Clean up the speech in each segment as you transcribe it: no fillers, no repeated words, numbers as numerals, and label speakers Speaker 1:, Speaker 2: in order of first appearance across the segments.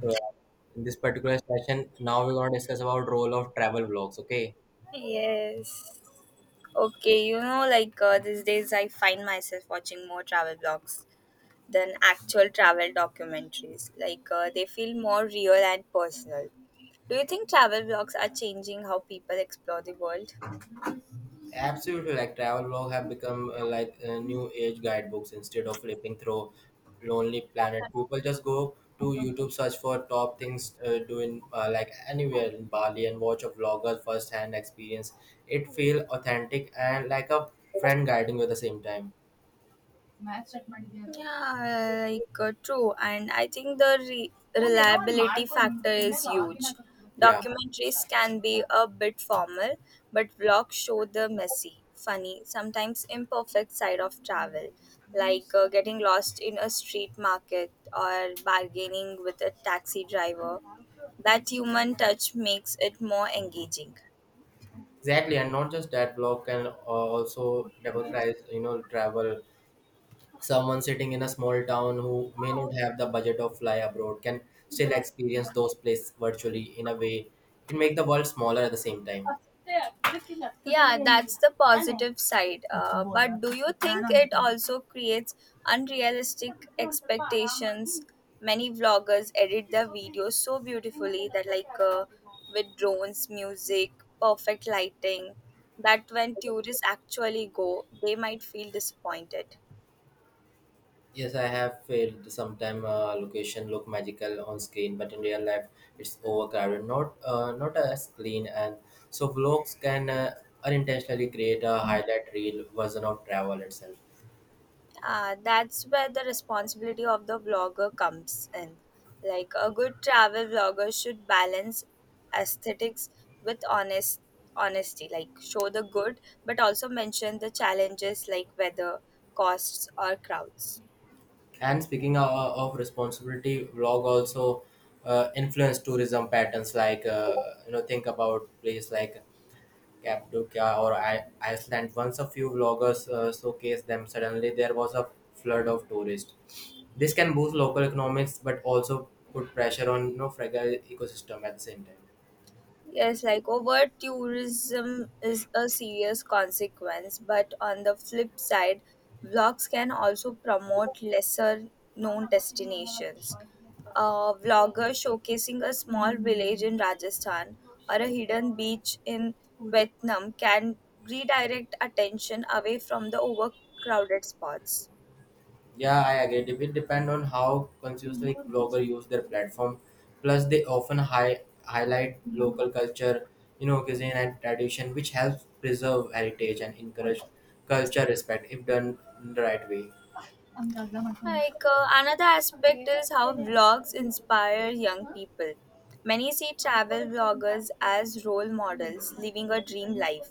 Speaker 1: So in this particular session, now we're going to discuss about role of travel vlogs. Okay.
Speaker 2: Yes. Okay, these days I find myself watching more travel blogs than actual travel documentaries. They feel more real and personal. Do you think travel blogs are changing how people explore the world?
Speaker 1: Absolutely, like travel blog have become like new age guidebooks instead of flipping through Lonely Planet. People just go to YouTube, search for top things doing like anywhere in Bali, and watch a vlogger first-hand experience. It feel authentic and like a friend guiding you at the same time.
Speaker 2: Yeah, true. And I think the reliability factor is huge.
Speaker 1: Yeah.
Speaker 2: Documentaries can be a bit formal, but vlogs show the messy, funny, sometimes imperfect side of travel, getting lost in a street market or bargaining with a taxi driver. That human touch makes it more engaging.
Speaker 1: Exactly, and not just that blog can also democratize travel. Someone sitting in a small town who may not have the budget of fly abroad can still experience those places virtually. In a way, it make the world smaller at the same time.
Speaker 2: Yeah, that's the positive side. But do you think it also creates unrealistic expectations? Many vloggers edit their videos so beautifully that, with drones, music, perfect lighting, that when tourists actually go, they might feel disappointed.
Speaker 1: Yes, I have felt sometime, location look magical on screen, but in real life it's overcrowded, not as clean. And so vlogs can unintentionally create a highlight reel version of travel itself.
Speaker 2: That's where the responsibility of the vlogger comes in. Like a good travel vlogger should balance aesthetics with honesty, like show the good, but also mention the challenges like weather, costs, or crowds.
Speaker 1: And speaking of responsibility, vlog also influence tourism patterns. Like, think about place like Cappadocia or Iceland. Once a few vloggers showcased them, suddenly there was a flood of tourists. This can boost local economics, but also put pressure on fragile ecosystem at the same time.
Speaker 2: Yes, like overt tourism is a serious consequence, but on the flip side, vlogs can also promote lesser known destinations. A vlogger showcasing a small village in Rajasthan or a hidden beach in Vietnam can redirect attention away from the overcrowded spots.
Speaker 1: Yeah, I agree. It will depend on how consciously bloggers use their platform. Plus, they often highlight local culture, cuisine and tradition, which helps preserve heritage and encourage culture respect if done in the right way.
Speaker 2: Another aspect is how vlogs inspire young people. Many see travel vloggers as role models living a dream life,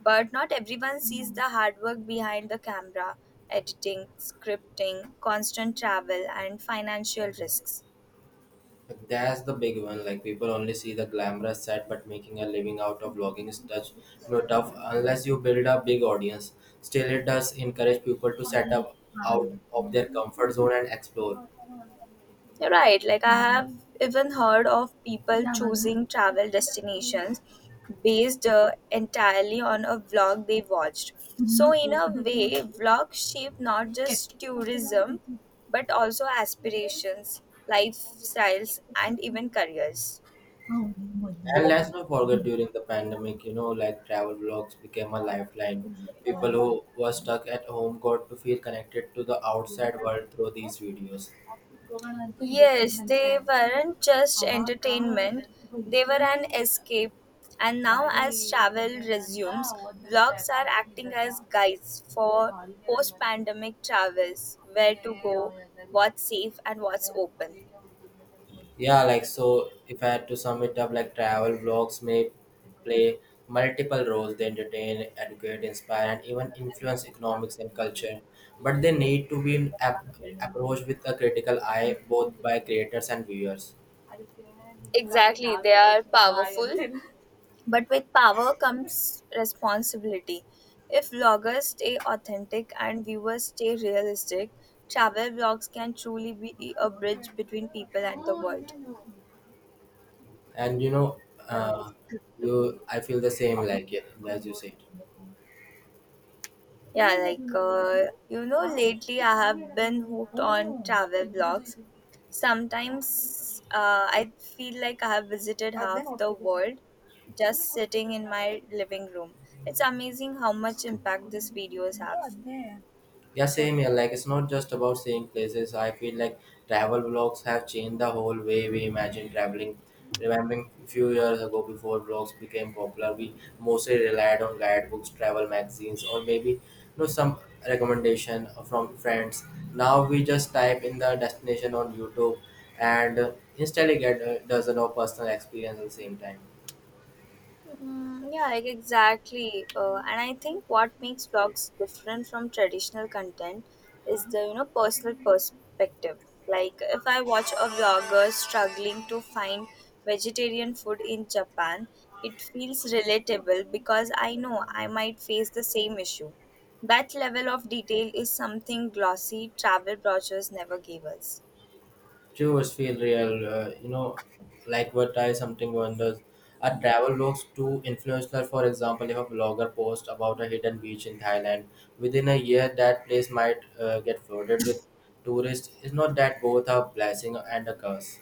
Speaker 2: but not everyone sees the hard work behind the camera, editing, scripting, constant travel, and financial risks.
Speaker 1: Like, that's the big one. Like people only see the glamorous side, but making a living out of blogging is tough unless you build a big audience. Still, it does encourage people to set up out of their comfort zone and explore.
Speaker 2: You're right. Like I have even heard of people choosing travel destinations based entirely on a vlog they watched. So in a way, vlogs shape not just tourism but also aspirations, lifestyles, and even careers.
Speaker 1: And let's not forget, during the pandemic, like travel vlogs became a lifeline. People who were stuck at home got to feel connected to the outside world through these videos.
Speaker 2: Yes, they weren't just entertainment, they were an escape. And now, as travel resumes, vlogs are acting as guides for post pandemic travels, where to go, what's safe, and what's open.
Speaker 1: Yeah, like so if I had to sum it up, like travel vlogs may play multiple roles. They entertain, educate, inspire, and even influence economics and culture. But they need to be approached with a critical eye, both by creators and viewers.
Speaker 2: Exactly, they are powerful. But with power comes responsibility. If vloggers stay authentic and viewers stay realistic, travel vlogs can truly be a bridge between people and the world.
Speaker 1: And uh, you I feel the same, like, yeah, as you said.
Speaker 2: Yeah, lately I have been hooked on travel vlogs. Sometimes I feel like I have visited half the world just sitting in my living room. It's amazing how much impact these videos have.
Speaker 1: Yeah, same here. Like, it's not just about seeing places. I feel like travel vlogs have changed the whole way we imagine traveling. Remembering a few years ago, before vlogs became popular, we mostly relied on guidebooks, travel magazines, or maybe some recommendation from friends. Now we just type in the destination on YouTube and instantly get a dozen of personal experience at the same time.
Speaker 2: Yeah, like exactly. And I think what makes vlogs different from traditional content is the personal perspective. Like if I watch a vlogger struggling to find vegetarian food in Japan, it feels relatable because I know I might face the same issue. That level of detail is something glossy travel brochures never gave us.
Speaker 1: Tours feel real, like what I something wonders. A travel looks too influential. For example, if a blogger posts about a hidden beach in Thailand, within a year that place might get flooded with tourists. It's not that both are blessing and a curse.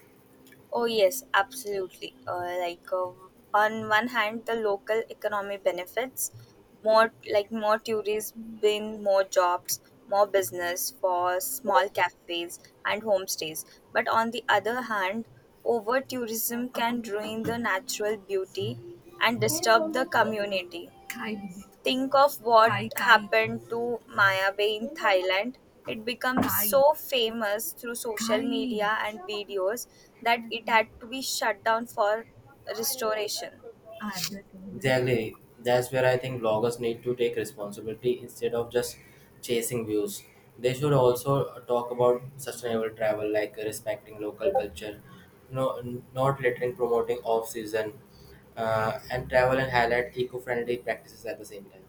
Speaker 2: Oh yes, absolutely. On one hand, the local economy benefits more, like more tourists, bring more jobs, more business for small cafes and homestays. But on the other hand, over tourism can ruin the natural beauty and disturb the community. Think of what happened to Maya Bay in Thailand. It became so famous through social media and videos that it had to be shut down for restoration.
Speaker 1: Exactly. That's where I think bloggers need to take responsibility instead of just chasing views. They should also talk about sustainable travel, like respecting local culture, no, not littering, promoting off season, and travel and highlight eco friendly practices at the same time.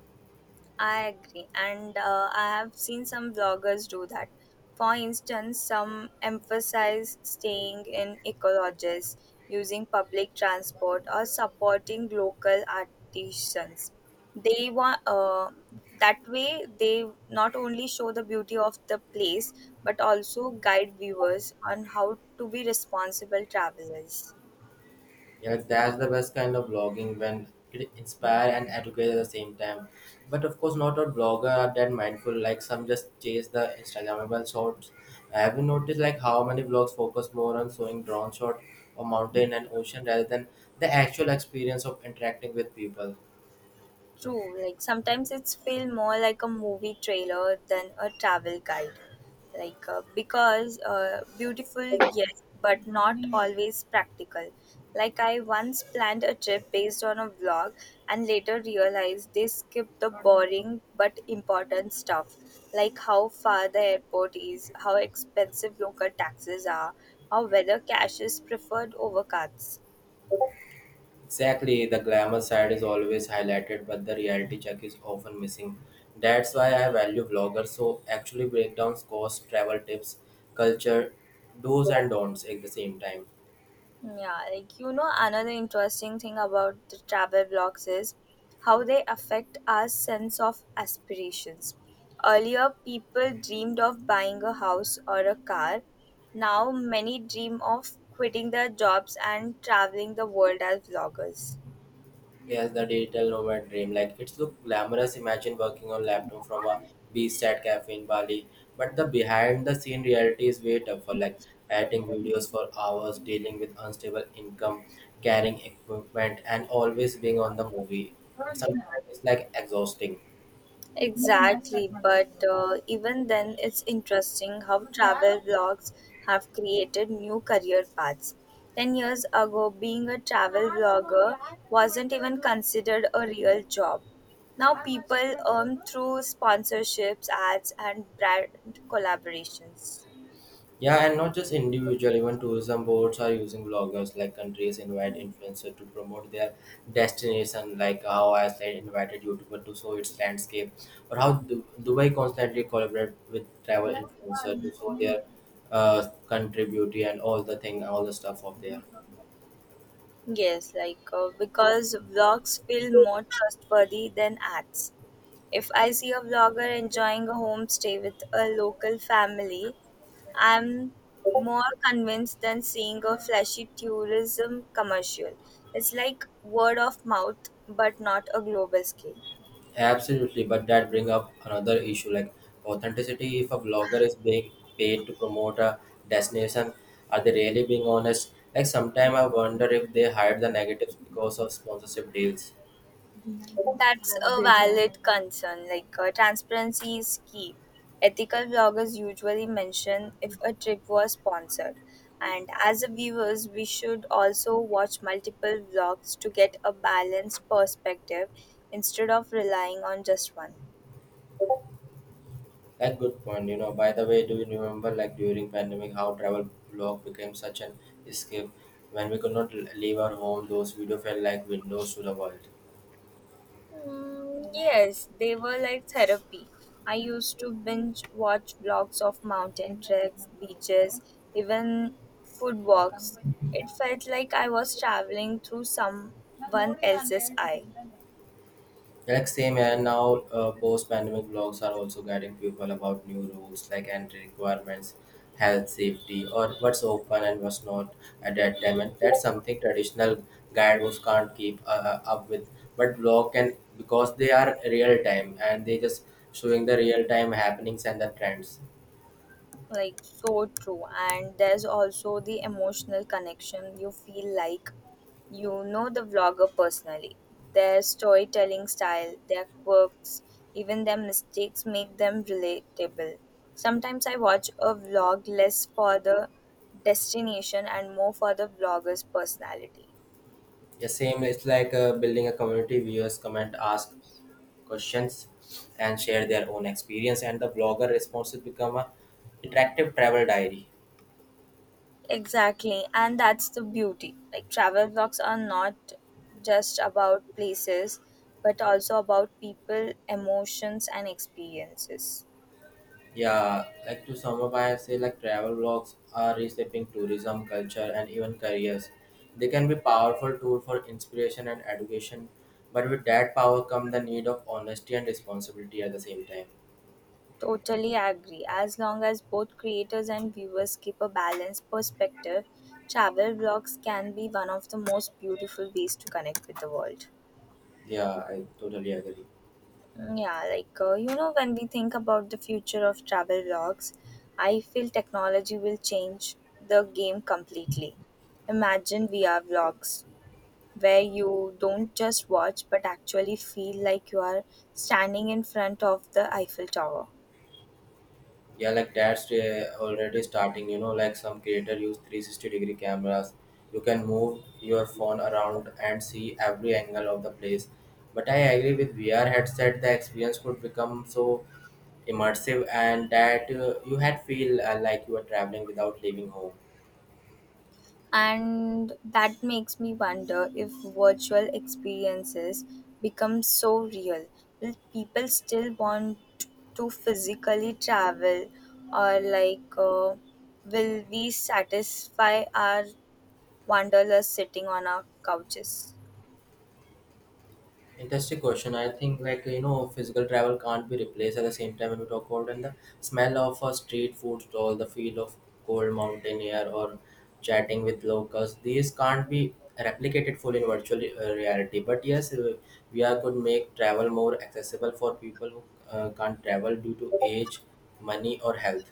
Speaker 2: I agree, and I have seen some vloggers do that. For instance, some emphasize staying in ecologies, using public transport, or supporting local artisans. They want That way they not only show the beauty of the place but also guide viewers on how to be responsible travelers.
Speaker 1: Yeah, that's the best kind of blogging when it inspire and educate at the same time. But of course, not all blogger are that mindful. Like some just chase the Instagrammable shots. Have you noticed like how many blogs focus more on showing drone shot or mountain and ocean rather than the actual experience of interacting with people?
Speaker 2: True, like sometimes it's feel more like a movie trailer than a travel guide. Like because Beautiful, yes, but not always practical. Like I once planned a trip based on a vlog and later realized they skipped the boring but important stuff, like how far the airport is, how expensive local taxes are, how whether cash is preferred over cards.
Speaker 1: Exactly, the glamour side is always highlighted, but the reality check is often missing. That's why I value vloggers who actually break down costs, travel tips, culture, do's and don'ts at the same time.
Speaker 2: Yeah, another interesting thing about the travel blogs is how they affect our sense of aspirations. Earlier, people dreamed of buying a house or a car. Now, many dream of quitting their jobs and traveling the world as vloggers.
Speaker 1: Yes, the digital nomad dream. Like it's look glamorous. Imagine working on laptop from a beachside cafe in Bali, but the behind the scene reality is way tougher. Like editing videos for hours, dealing with unstable income, carrying equipment, and always being on the movie. Sometimes it's like exhausting.
Speaker 2: Exactly, but even then, it's interesting how travel blogs have created new career paths. 10 years ago, being a travel blogger wasn't even considered a real job. Now, people earn through sponsorships, ads, and brand collaborations.
Speaker 1: Yeah, and not just individual, even tourism boards are using bloggers like countries invite influencers to promote their destination, like how I said invited YouTuber to show its landscape, or how Dubai constantly collaborate with travel influencers to show their country beauty and all the thing, all the stuff of there.
Speaker 2: Yes, because vlogs feel more trustworthy than ads. If I see a vlogger enjoying a homestay with a local family, I'm more convinced than seeing a flashy tourism commercial. It's like word of mouth, but not a global scale.
Speaker 1: Absolutely, but that bring up another issue like authenticity. If a blogger is being paid to promote a destination, are they really being honest? Like sometimes I wonder if they hide the negatives because of sponsorship deals.
Speaker 2: That's a valid concern. Transparency is key. Ethical bloggers usually mention if a trip was sponsored, and as a viewers, we should also watch multiple vlogs to get a balanced perspective instead of relying on just one.
Speaker 1: Like good point. By the way, do you remember like during pandemic how travel blog became such an escape? When we could not leave our home, those video felt like windows to the world.
Speaker 2: Mm, yes, they were like therapy. I used to binge watch vlogs of mountain treks, beaches, even food walks. It felt like I was traveling through someone else's eye.
Speaker 1: Like same, and now post-pandemic blogs are also guiding people about new rules like entry requirements, health safety, or what's open and what's not at that time. And that's something traditional guidebooks can't keep up with. But blog can because they are real time and they just showing the real time happenings and the trends.
Speaker 2: Like so true, and there's also the emotional connection. You feel like you know the vlogger personally, their storytelling style, their quirks, even their mistakes make them relatable. Sometimes I watch a vlog less for the destination and more for the vlogger's personality.
Speaker 1: The same, it's like building a community. Viewers comment, ask questions, and share their own experience. And the blogger responses become a interactive travel diary.
Speaker 2: Exactly, and that's the beauty. Like travel blogs are not just about places, but also about people, emotions, and experiences.
Speaker 1: Yeah, like to sum up, I say like travel blogs are reshaping tourism, culture, and even careers. They can be powerful tool for inspiration and education, but with that power come the need of honesty and responsibility at the same time.
Speaker 2: Totally agree. As long as both creators and viewers keep a balanced perspective, travel blogs can be one of the most beautiful ways to connect with the world.
Speaker 1: Yeah, I totally agree.
Speaker 2: Yeah, when we think about the future of travel vlogs, I feel technology will change the game completely. Imagine VR vlogs where you don't just watch but actually feel like you are standing in front of the Eiffel Tower.
Speaker 1: Yeah, like that's already starting, like some creator use 360 degree cameras. You can move your phone around and see every angle of the place. But I agree, with VR headset the experience could become so immersive, and that you had feel like you were traveling without leaving home.
Speaker 2: And that makes me wonder, if virtual experiences become so real, will people still want to physically travel, or will we satisfy our wanderlust sitting on our couches?
Speaker 1: Interesting question. I think like physical travel can't be replaced. At the same time, when we talk about and the smell of a street food stall, the feel of cold mountain air, or chatting with locals, these can't be replicated fully in virtual reality. But yes, VR could make travel more accessible for people who can't travel due to age, money, or health.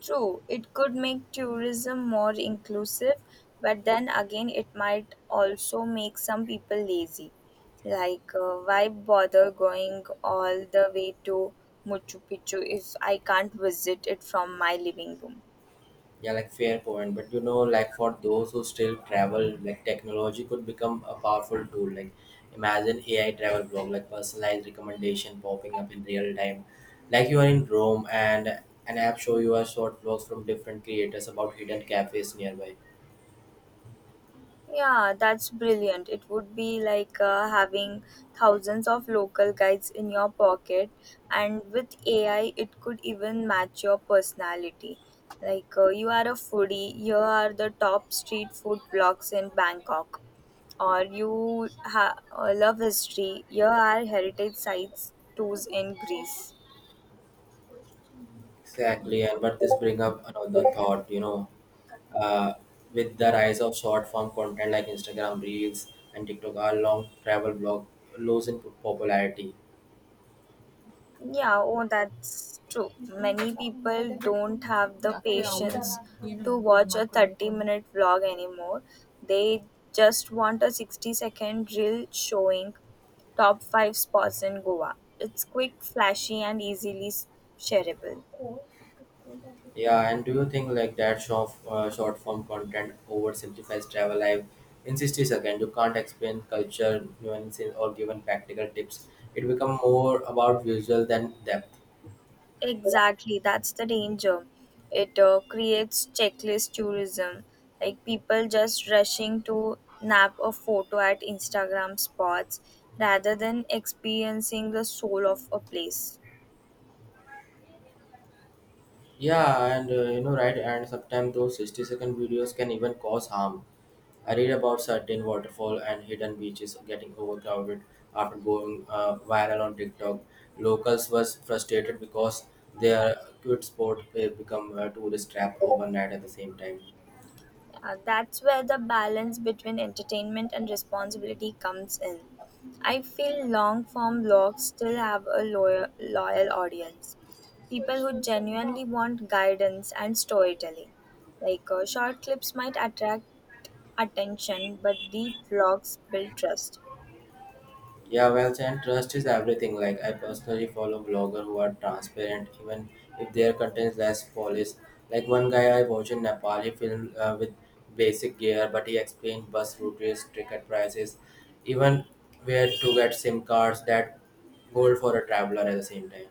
Speaker 2: True, it could make tourism more inclusive, but then again, it might also make some people lazy. Why bother going all the way to Machu Picchu if I can't visit it from my living room?
Speaker 1: Yeah, like fair point. But like for those who still travel, like technology could become a powerful tool. Like imagine AI travel blog, like personalized recommendation popping up in real time. Like you are in Rome and an app show you a short vlogs from different creators about hidden cafes nearby.
Speaker 2: Yeah, that's brilliant. It would be like having thousands of local guides in your pocket, and with AI, it could even match your personality. You are a foodie, here are the top street food blogs in Bangkok, or you love history, here are heritage sites tours in Greece.
Speaker 1: Exactly, and but this bring up another thought, uh, with the rise of short form content like Instagram Reels and TikTok, our long travel blog losing popularity.
Speaker 2: Yeah, oh, that's true. Many people don't have the patience to watch a 30-minute vlog anymore. They just want a 60-second reel showing top 5 spots in Goa. It's quick, flashy, and easily shareable.
Speaker 1: Yeah, and do you think like that short form content oversimplifies travel life? In 60 seconds, you can't explain culture, nuances, or given practical tips. It becomes more about visual than depth.
Speaker 2: Exactly, that's the danger. It creates checklist tourism, like people just rushing to snap a photo at Instagram spots rather than experiencing the soul of a place.
Speaker 1: Yeah, and right, and sometimes those 60-second videos can even cause harm. I read about certain waterfall and hidden beaches getting overcrowded after going viral on TikTok. Locals was frustrated because their cute sport become a tourist trap overnight at the same time.
Speaker 2: That's where the balance between entertainment and responsibility comes in. I feel long form blogs still have a loyal audience. People who genuinely want guidance and storytelling. Short clips might attract attention, but deep blogs build trust.
Speaker 1: Yeah, well, and trust is everything. Like I personally follow bloggers who are transparent, even if their content is less polished. Like one guy I watched in Nepali film with basic gear, but he explained bus routes, ticket prices, even where to get SIM cards. That gold for a traveler at the same time.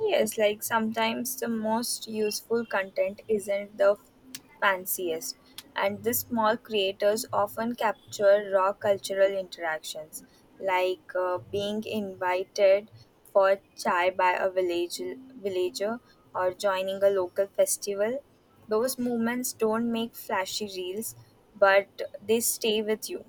Speaker 2: Yes, like sometimes the most useful content isn't the fanciest, and the small creators often capture raw cultural interactions, being invited for chai by a villager or joining a local festival. Those moments don't make flashy reels, but they stay with you.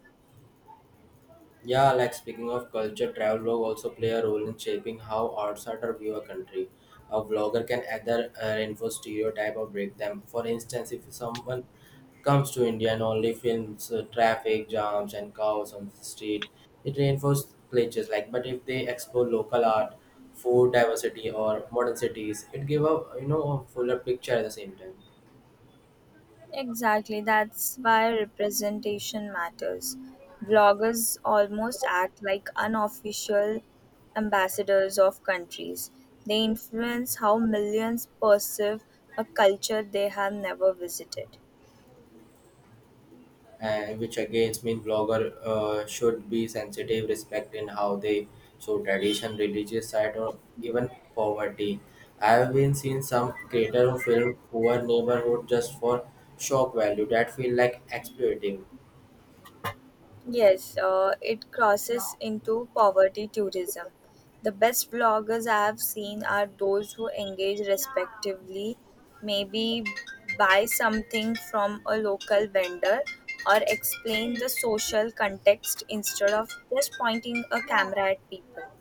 Speaker 1: Yeah, like speaking of culture, travel blog also play a role in shaping how outsider view a country. A vlogger can either reinforce stereotype or break them. For instance, if someone comes to India and only films traffic jams and cows on the street, it reinforces cliches. Like, but if they explore local art, food diversity, or modern cities, it give a you know a fuller picture at the same time.
Speaker 2: Exactly, that's why representation matters. Bloggers almost act like unofficial ambassadors of countries. They influence how millions perceive a culture they have never visited.
Speaker 1: And which again means vlogger should be sensitive respect in how they show tradition religious side or even poverty. I have been seen some creator who film poor neighborhood just for shock value. That feel like exploitative.
Speaker 2: Yes, it crosses into poverty tourism. The best vloggers I have seen are those who engage respectively, maybe buy something from a local vendor or explain the social context instead of just pointing a camera at people.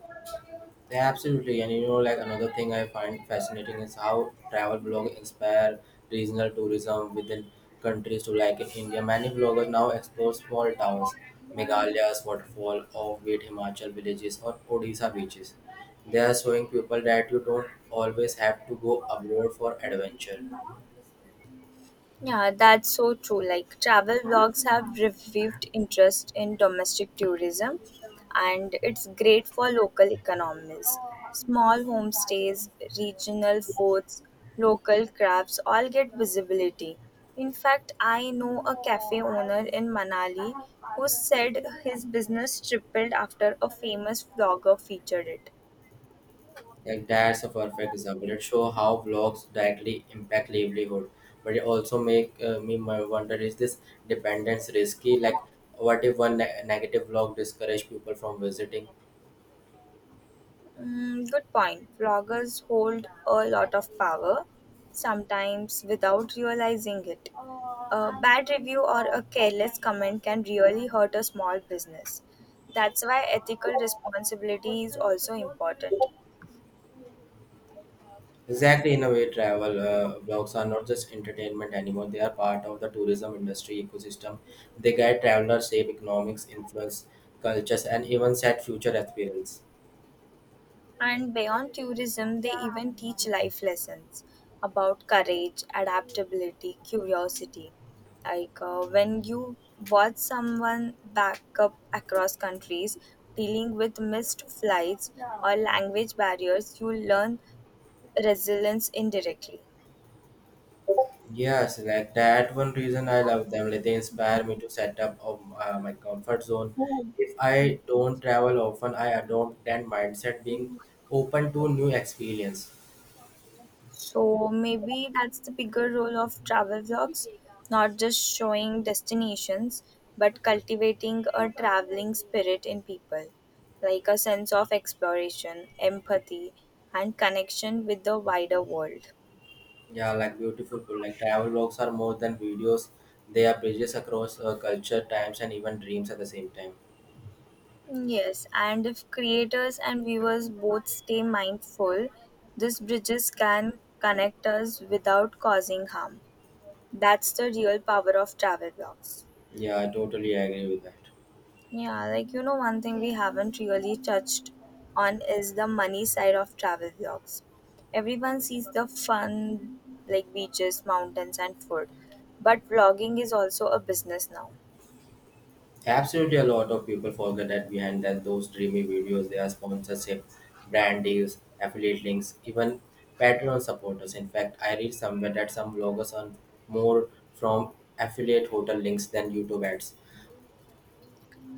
Speaker 1: Yeah, absolutely. And like another thing I find fascinating is how travel blogs inspire regional tourism within countries to like in India. Many bloggers now explore small towns, Meghalayas, waterfall, offbeat Himachal villages, or Odisha beaches. They are showing people that you don't always have to go abroad for adventure.
Speaker 2: Yeah, that's so true. Like travel vlogs have revived interest in domestic tourism and it's great for local economies. Small homestays, regional foods, local crafts all get visibility. In fact, I know a cafe owner in Manali who said his business tripled after a famous vlogger featured it.
Speaker 1: Like that's a perfect example. It shows how blogs directly impact livelihood, but it also make me my wonder: is this dependence risky? Like, what if one negative blog discourage people from visiting?
Speaker 2: Mm, good point. Bloggers hold a lot of power, sometimes without realizing it. A bad review or a careless comment can really hurt a small business. That's why ethical responsibility is also important.
Speaker 1: Exactly, in a way, travel blogs are not just entertainment anymore. They are part of the tourism industry ecosystem. They guide travelers, shape economics, influence cultures, and even set future experience.
Speaker 2: And beyond tourism, they even teach life lessons about courage, adaptability, curiosity. When you watch someone back up across countries dealing with missed flights or language barriers, you learn resilience indirectly.
Speaker 1: Yes, like that one reason I love them. Like they inspire me to set up of my comfort zone. If I don't travel often, I adopt that mindset, being open to new experience.
Speaker 2: So maybe that's the bigger role of travel vlogs, not just showing destinations, but cultivating a traveling spirit in people, like a sense of exploration, empathy, and connection with the wider world.
Speaker 1: Yeah, like beautiful. People, like travel vlogs are more than videos. They are bridges across culture, times, and even dreams at the same time.
Speaker 2: Yes, and if creators and viewers both stay mindful, these bridges can connect us without causing harm. That's the real power of travel blogs.
Speaker 1: Yeah, I totally agree with that.
Speaker 2: Yeah, one thing we haven't really touched on is the money side of travel vlogs. Everyone sees the fun, like beaches, mountains, and food, but vlogging is also a business now.
Speaker 1: Absolutely, a lot of people forget that behind that those dreamy videos, there are sponsorship, brand deals, affiliate links, even Patreon supporters. In fact, I read somewhere that some bloggers earn more from affiliate hotel links than YouTube ads.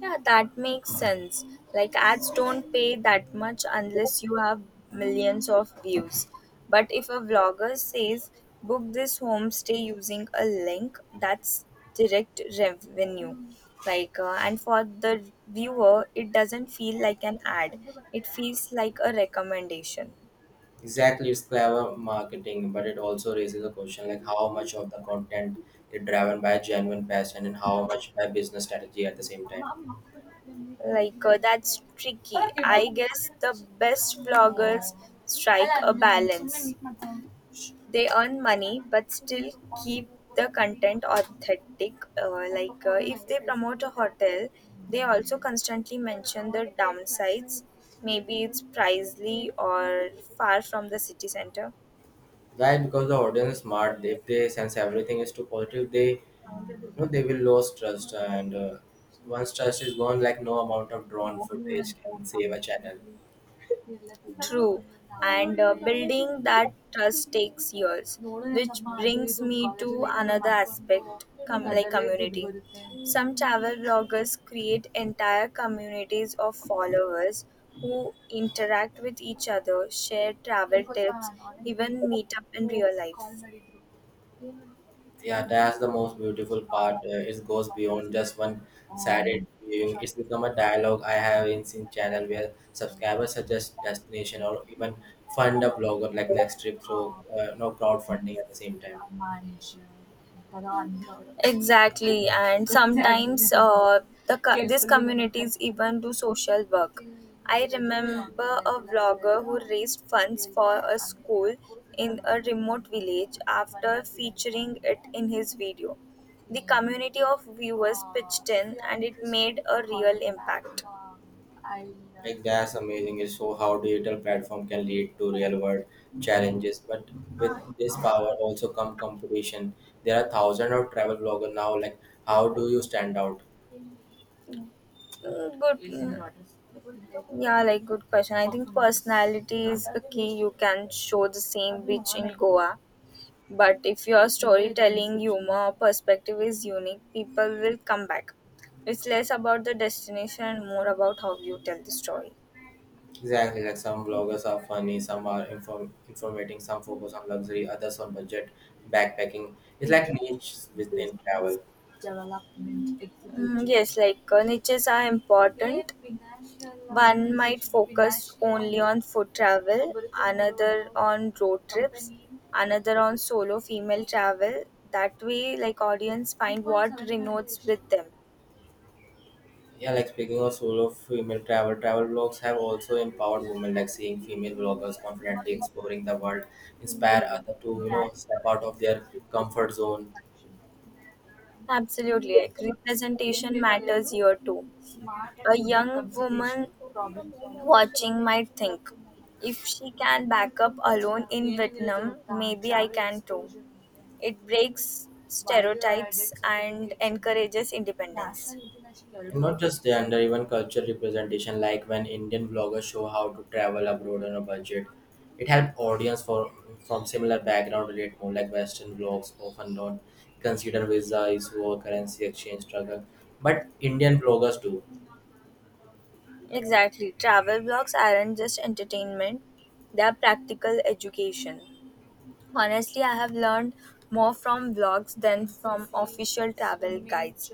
Speaker 2: Yeah, that makes sense. Like ads don't pay that much unless you have millions of views. But if a vlogger says book this homestay using a link, that's direct revenue. And for the viewer, it doesn't feel like an ad. It feels like a recommendation.
Speaker 1: Exactly, it's clever marketing, but it also raises a question like how much of the content is driven by genuine passion and how much by business strategy at the same time.
Speaker 2: That's tricky. I guess the best vloggers strike a balance. They earn money but still keep the content authentic. If they promote a hotel, they also constantly mention the downsides. Maybe it's pricely or far from the city center.
Speaker 1: Right, because the audience is smart. If they sense everything is too positive, they they will lose trust and once trust is gone, like no amount of drone footage can save a channel.
Speaker 2: True. And building that trust takes years, which brings me to another aspect, like community. Some travel bloggers create entire communities of followers who interact with each other, share travel tips, even meet up in real life.
Speaker 1: Yeah, that's the most beautiful part. It goes beyond just one Saturday viewing. It's become a dialogue. I have in seen channel where subscribers suggest destination or even fund a blogger like next trip through no crowdfunding at the same time.
Speaker 2: uh, Exactly, and sometimes these communities even do social work. I remember a vlogger who raised funds for a school in a remote village after featuring it in his video. The community of viewers pitched in and it made a real impact.
Speaker 1: Like that's amazing. It's so how digital platform can lead to real world challenges. But with this power also come competition. There are thousands of travel bloggers now. Like how do you stand out?
Speaker 2: Good good question. I think personality is a key. You can show the same beach in Goa, but if your storytelling, humor or perspective is unique, people will come back. It's less about the destination and more about how you tell the story.
Speaker 1: Exactly. Like some bloggers are funny, some are informating, some focus on luxury, others on budget, backpacking. It's like niche within travel.
Speaker 2: Mm, yes, niches are important. One might focus only on food travel, another on road trips, another on solo female travel. That way, like audience find what resonates with them.
Speaker 1: Yeah, like speaking of solo female travel, travel blogs have also empowered women, like seeing female bloggers confidently exploring the world, inspire others to, you know, step out of their comfort zone.
Speaker 2: Absolutely. Representation matters here too. A young woman watching might think, if she can back up alone in Vietnam, maybe I can too. It breaks stereotypes and encourages independence.
Speaker 1: And not just gender, even culture representation, like when Indian bloggers show how to travel abroad on a budget. It helped audience for from similar background relate more, like Western blogs often don't consider visa issue or currency exchange struggle. But Indian bloggers do.
Speaker 2: Exactly. Travel blogs aren't just entertainment, they are practical education. Honestly, I have learned more from vlogs than from official travel guides.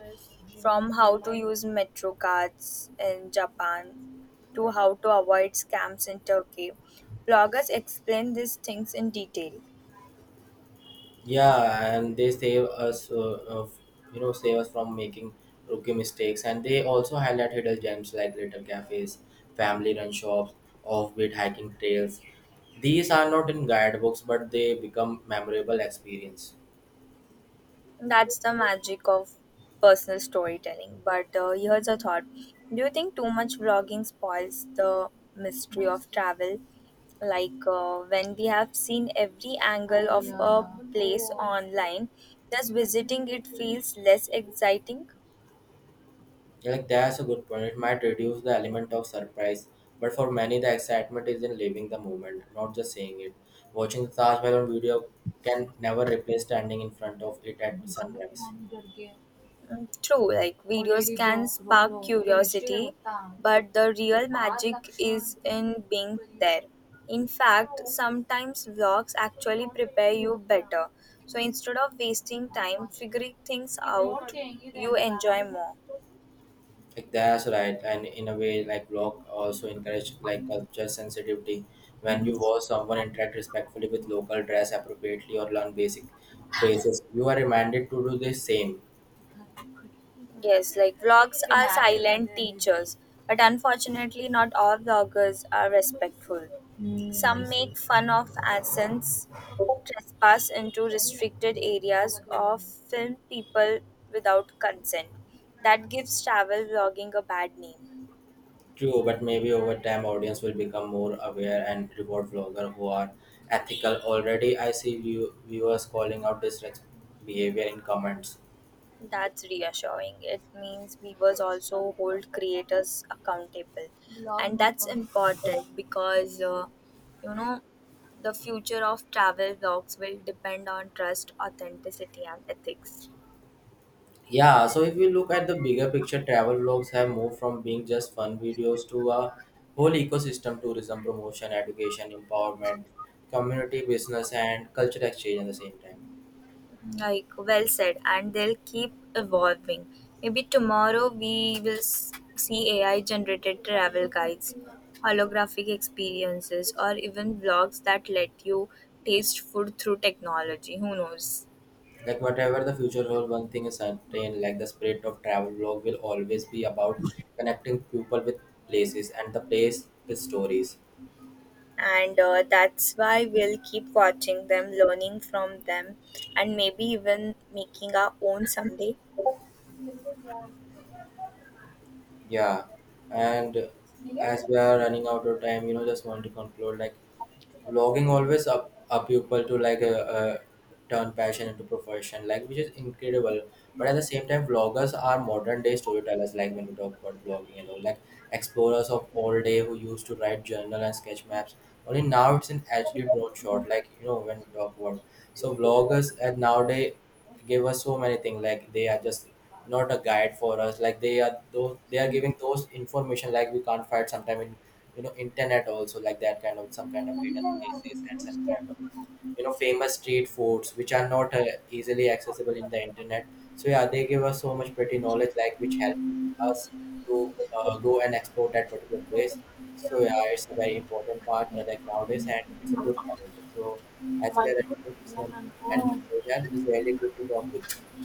Speaker 2: From how to use metro cards in Japan to how to avoid scams in Turkey. Bloggers explain these things in detail.
Speaker 1: Yeah, and they save us, you know, save us from making rookie mistakes. And they also highlight hidden gems like little cafes, family-run shops, offbeat hiking trails. These are not in guidebooks, but they become memorable experience.
Speaker 2: That's the magic of personal storytelling. But here's a thought. Do you think too much vlogging spoils the mystery of travel? When we have seen every angle of a place online, does visiting it feels less exciting?
Speaker 1: Like that's a good point. It might reduce the element of surprise, but for many, the excitement is in living the moment, not just seeing it. Watching the Taj Mahal on video can never replace standing in front of it at sunrise.
Speaker 2: Mm, true, like videos can spark curiosity, but the real magic is in being there. In fact, sometimes vlogs actually prepare you better. So instead of wasting time figuring things out, you enjoy more.
Speaker 1: Like that's right, and in a way, like rock also encourage like culture sensitivity. When you watch someone interact respectfully with local, dress appropriately, or learn basic phrases, you are reminded to do the same.
Speaker 2: Yes, like vlogs are silent teachers, but unfortunately, not all vloggers are respectful. Some make fun of accents, trespass into restricted areas, or film people without consent. That gives travel vlogging a bad name.
Speaker 1: True, but maybe over time, audience will become more aware and reward vlogger who are ethical. Already, I see viewers calling out this behavior in comments.
Speaker 2: That's reassuring. It means we was also hold creators accountable, and that's important because you know the future of travel vlogs will depend on trust, authenticity, and ethics.
Speaker 1: Yeah, so if we look at the bigger picture, travel vlogs have moved from being just fun videos to a whole ecosystem tourism, promotion, education, empowerment, community business, and culture exchange at the same time.
Speaker 2: Like well said, and they'll keep evolving. Maybe tomorrow we will see AI generated travel guides, holographic experiences, or even vlogs that let you taste food through technology. Who knows?
Speaker 1: Like, whatever the future holds, one thing is certain, like the spirit of travel vlog will always be about connecting people with places and the place with stories.
Speaker 2: And that's why we'll keep watching them, learning from them, and maybe even making our own someday.
Speaker 1: Yeah, and as we are running out of time, you know, just want to conclude like vlogging always up people to like uh, turn passion into profession, like which is incredible. But at the same time, vloggers are modern day storytellers. Like when we talk about vlogging and all, like explorers of old day who used to write journal and sketch maps. Only now it's an actually drawn shot. Like you know, when we talk about so vloggers and nowadays give us so many things, like they are just not a guide for us, like they are those, they are giving those information like we can't find sometime in, you know, internet also, like that kind of some kind of hidden places and some kind of, you know, famous street foods which are not easily accessible in the internet. So yeah, they give us so much pretty knowledge, like which help us to go and explore that particular place. So yeah, it's a very important part like nowadays, and it's a good part also. So as we are at this one, and yeah, it's really good to talk with you.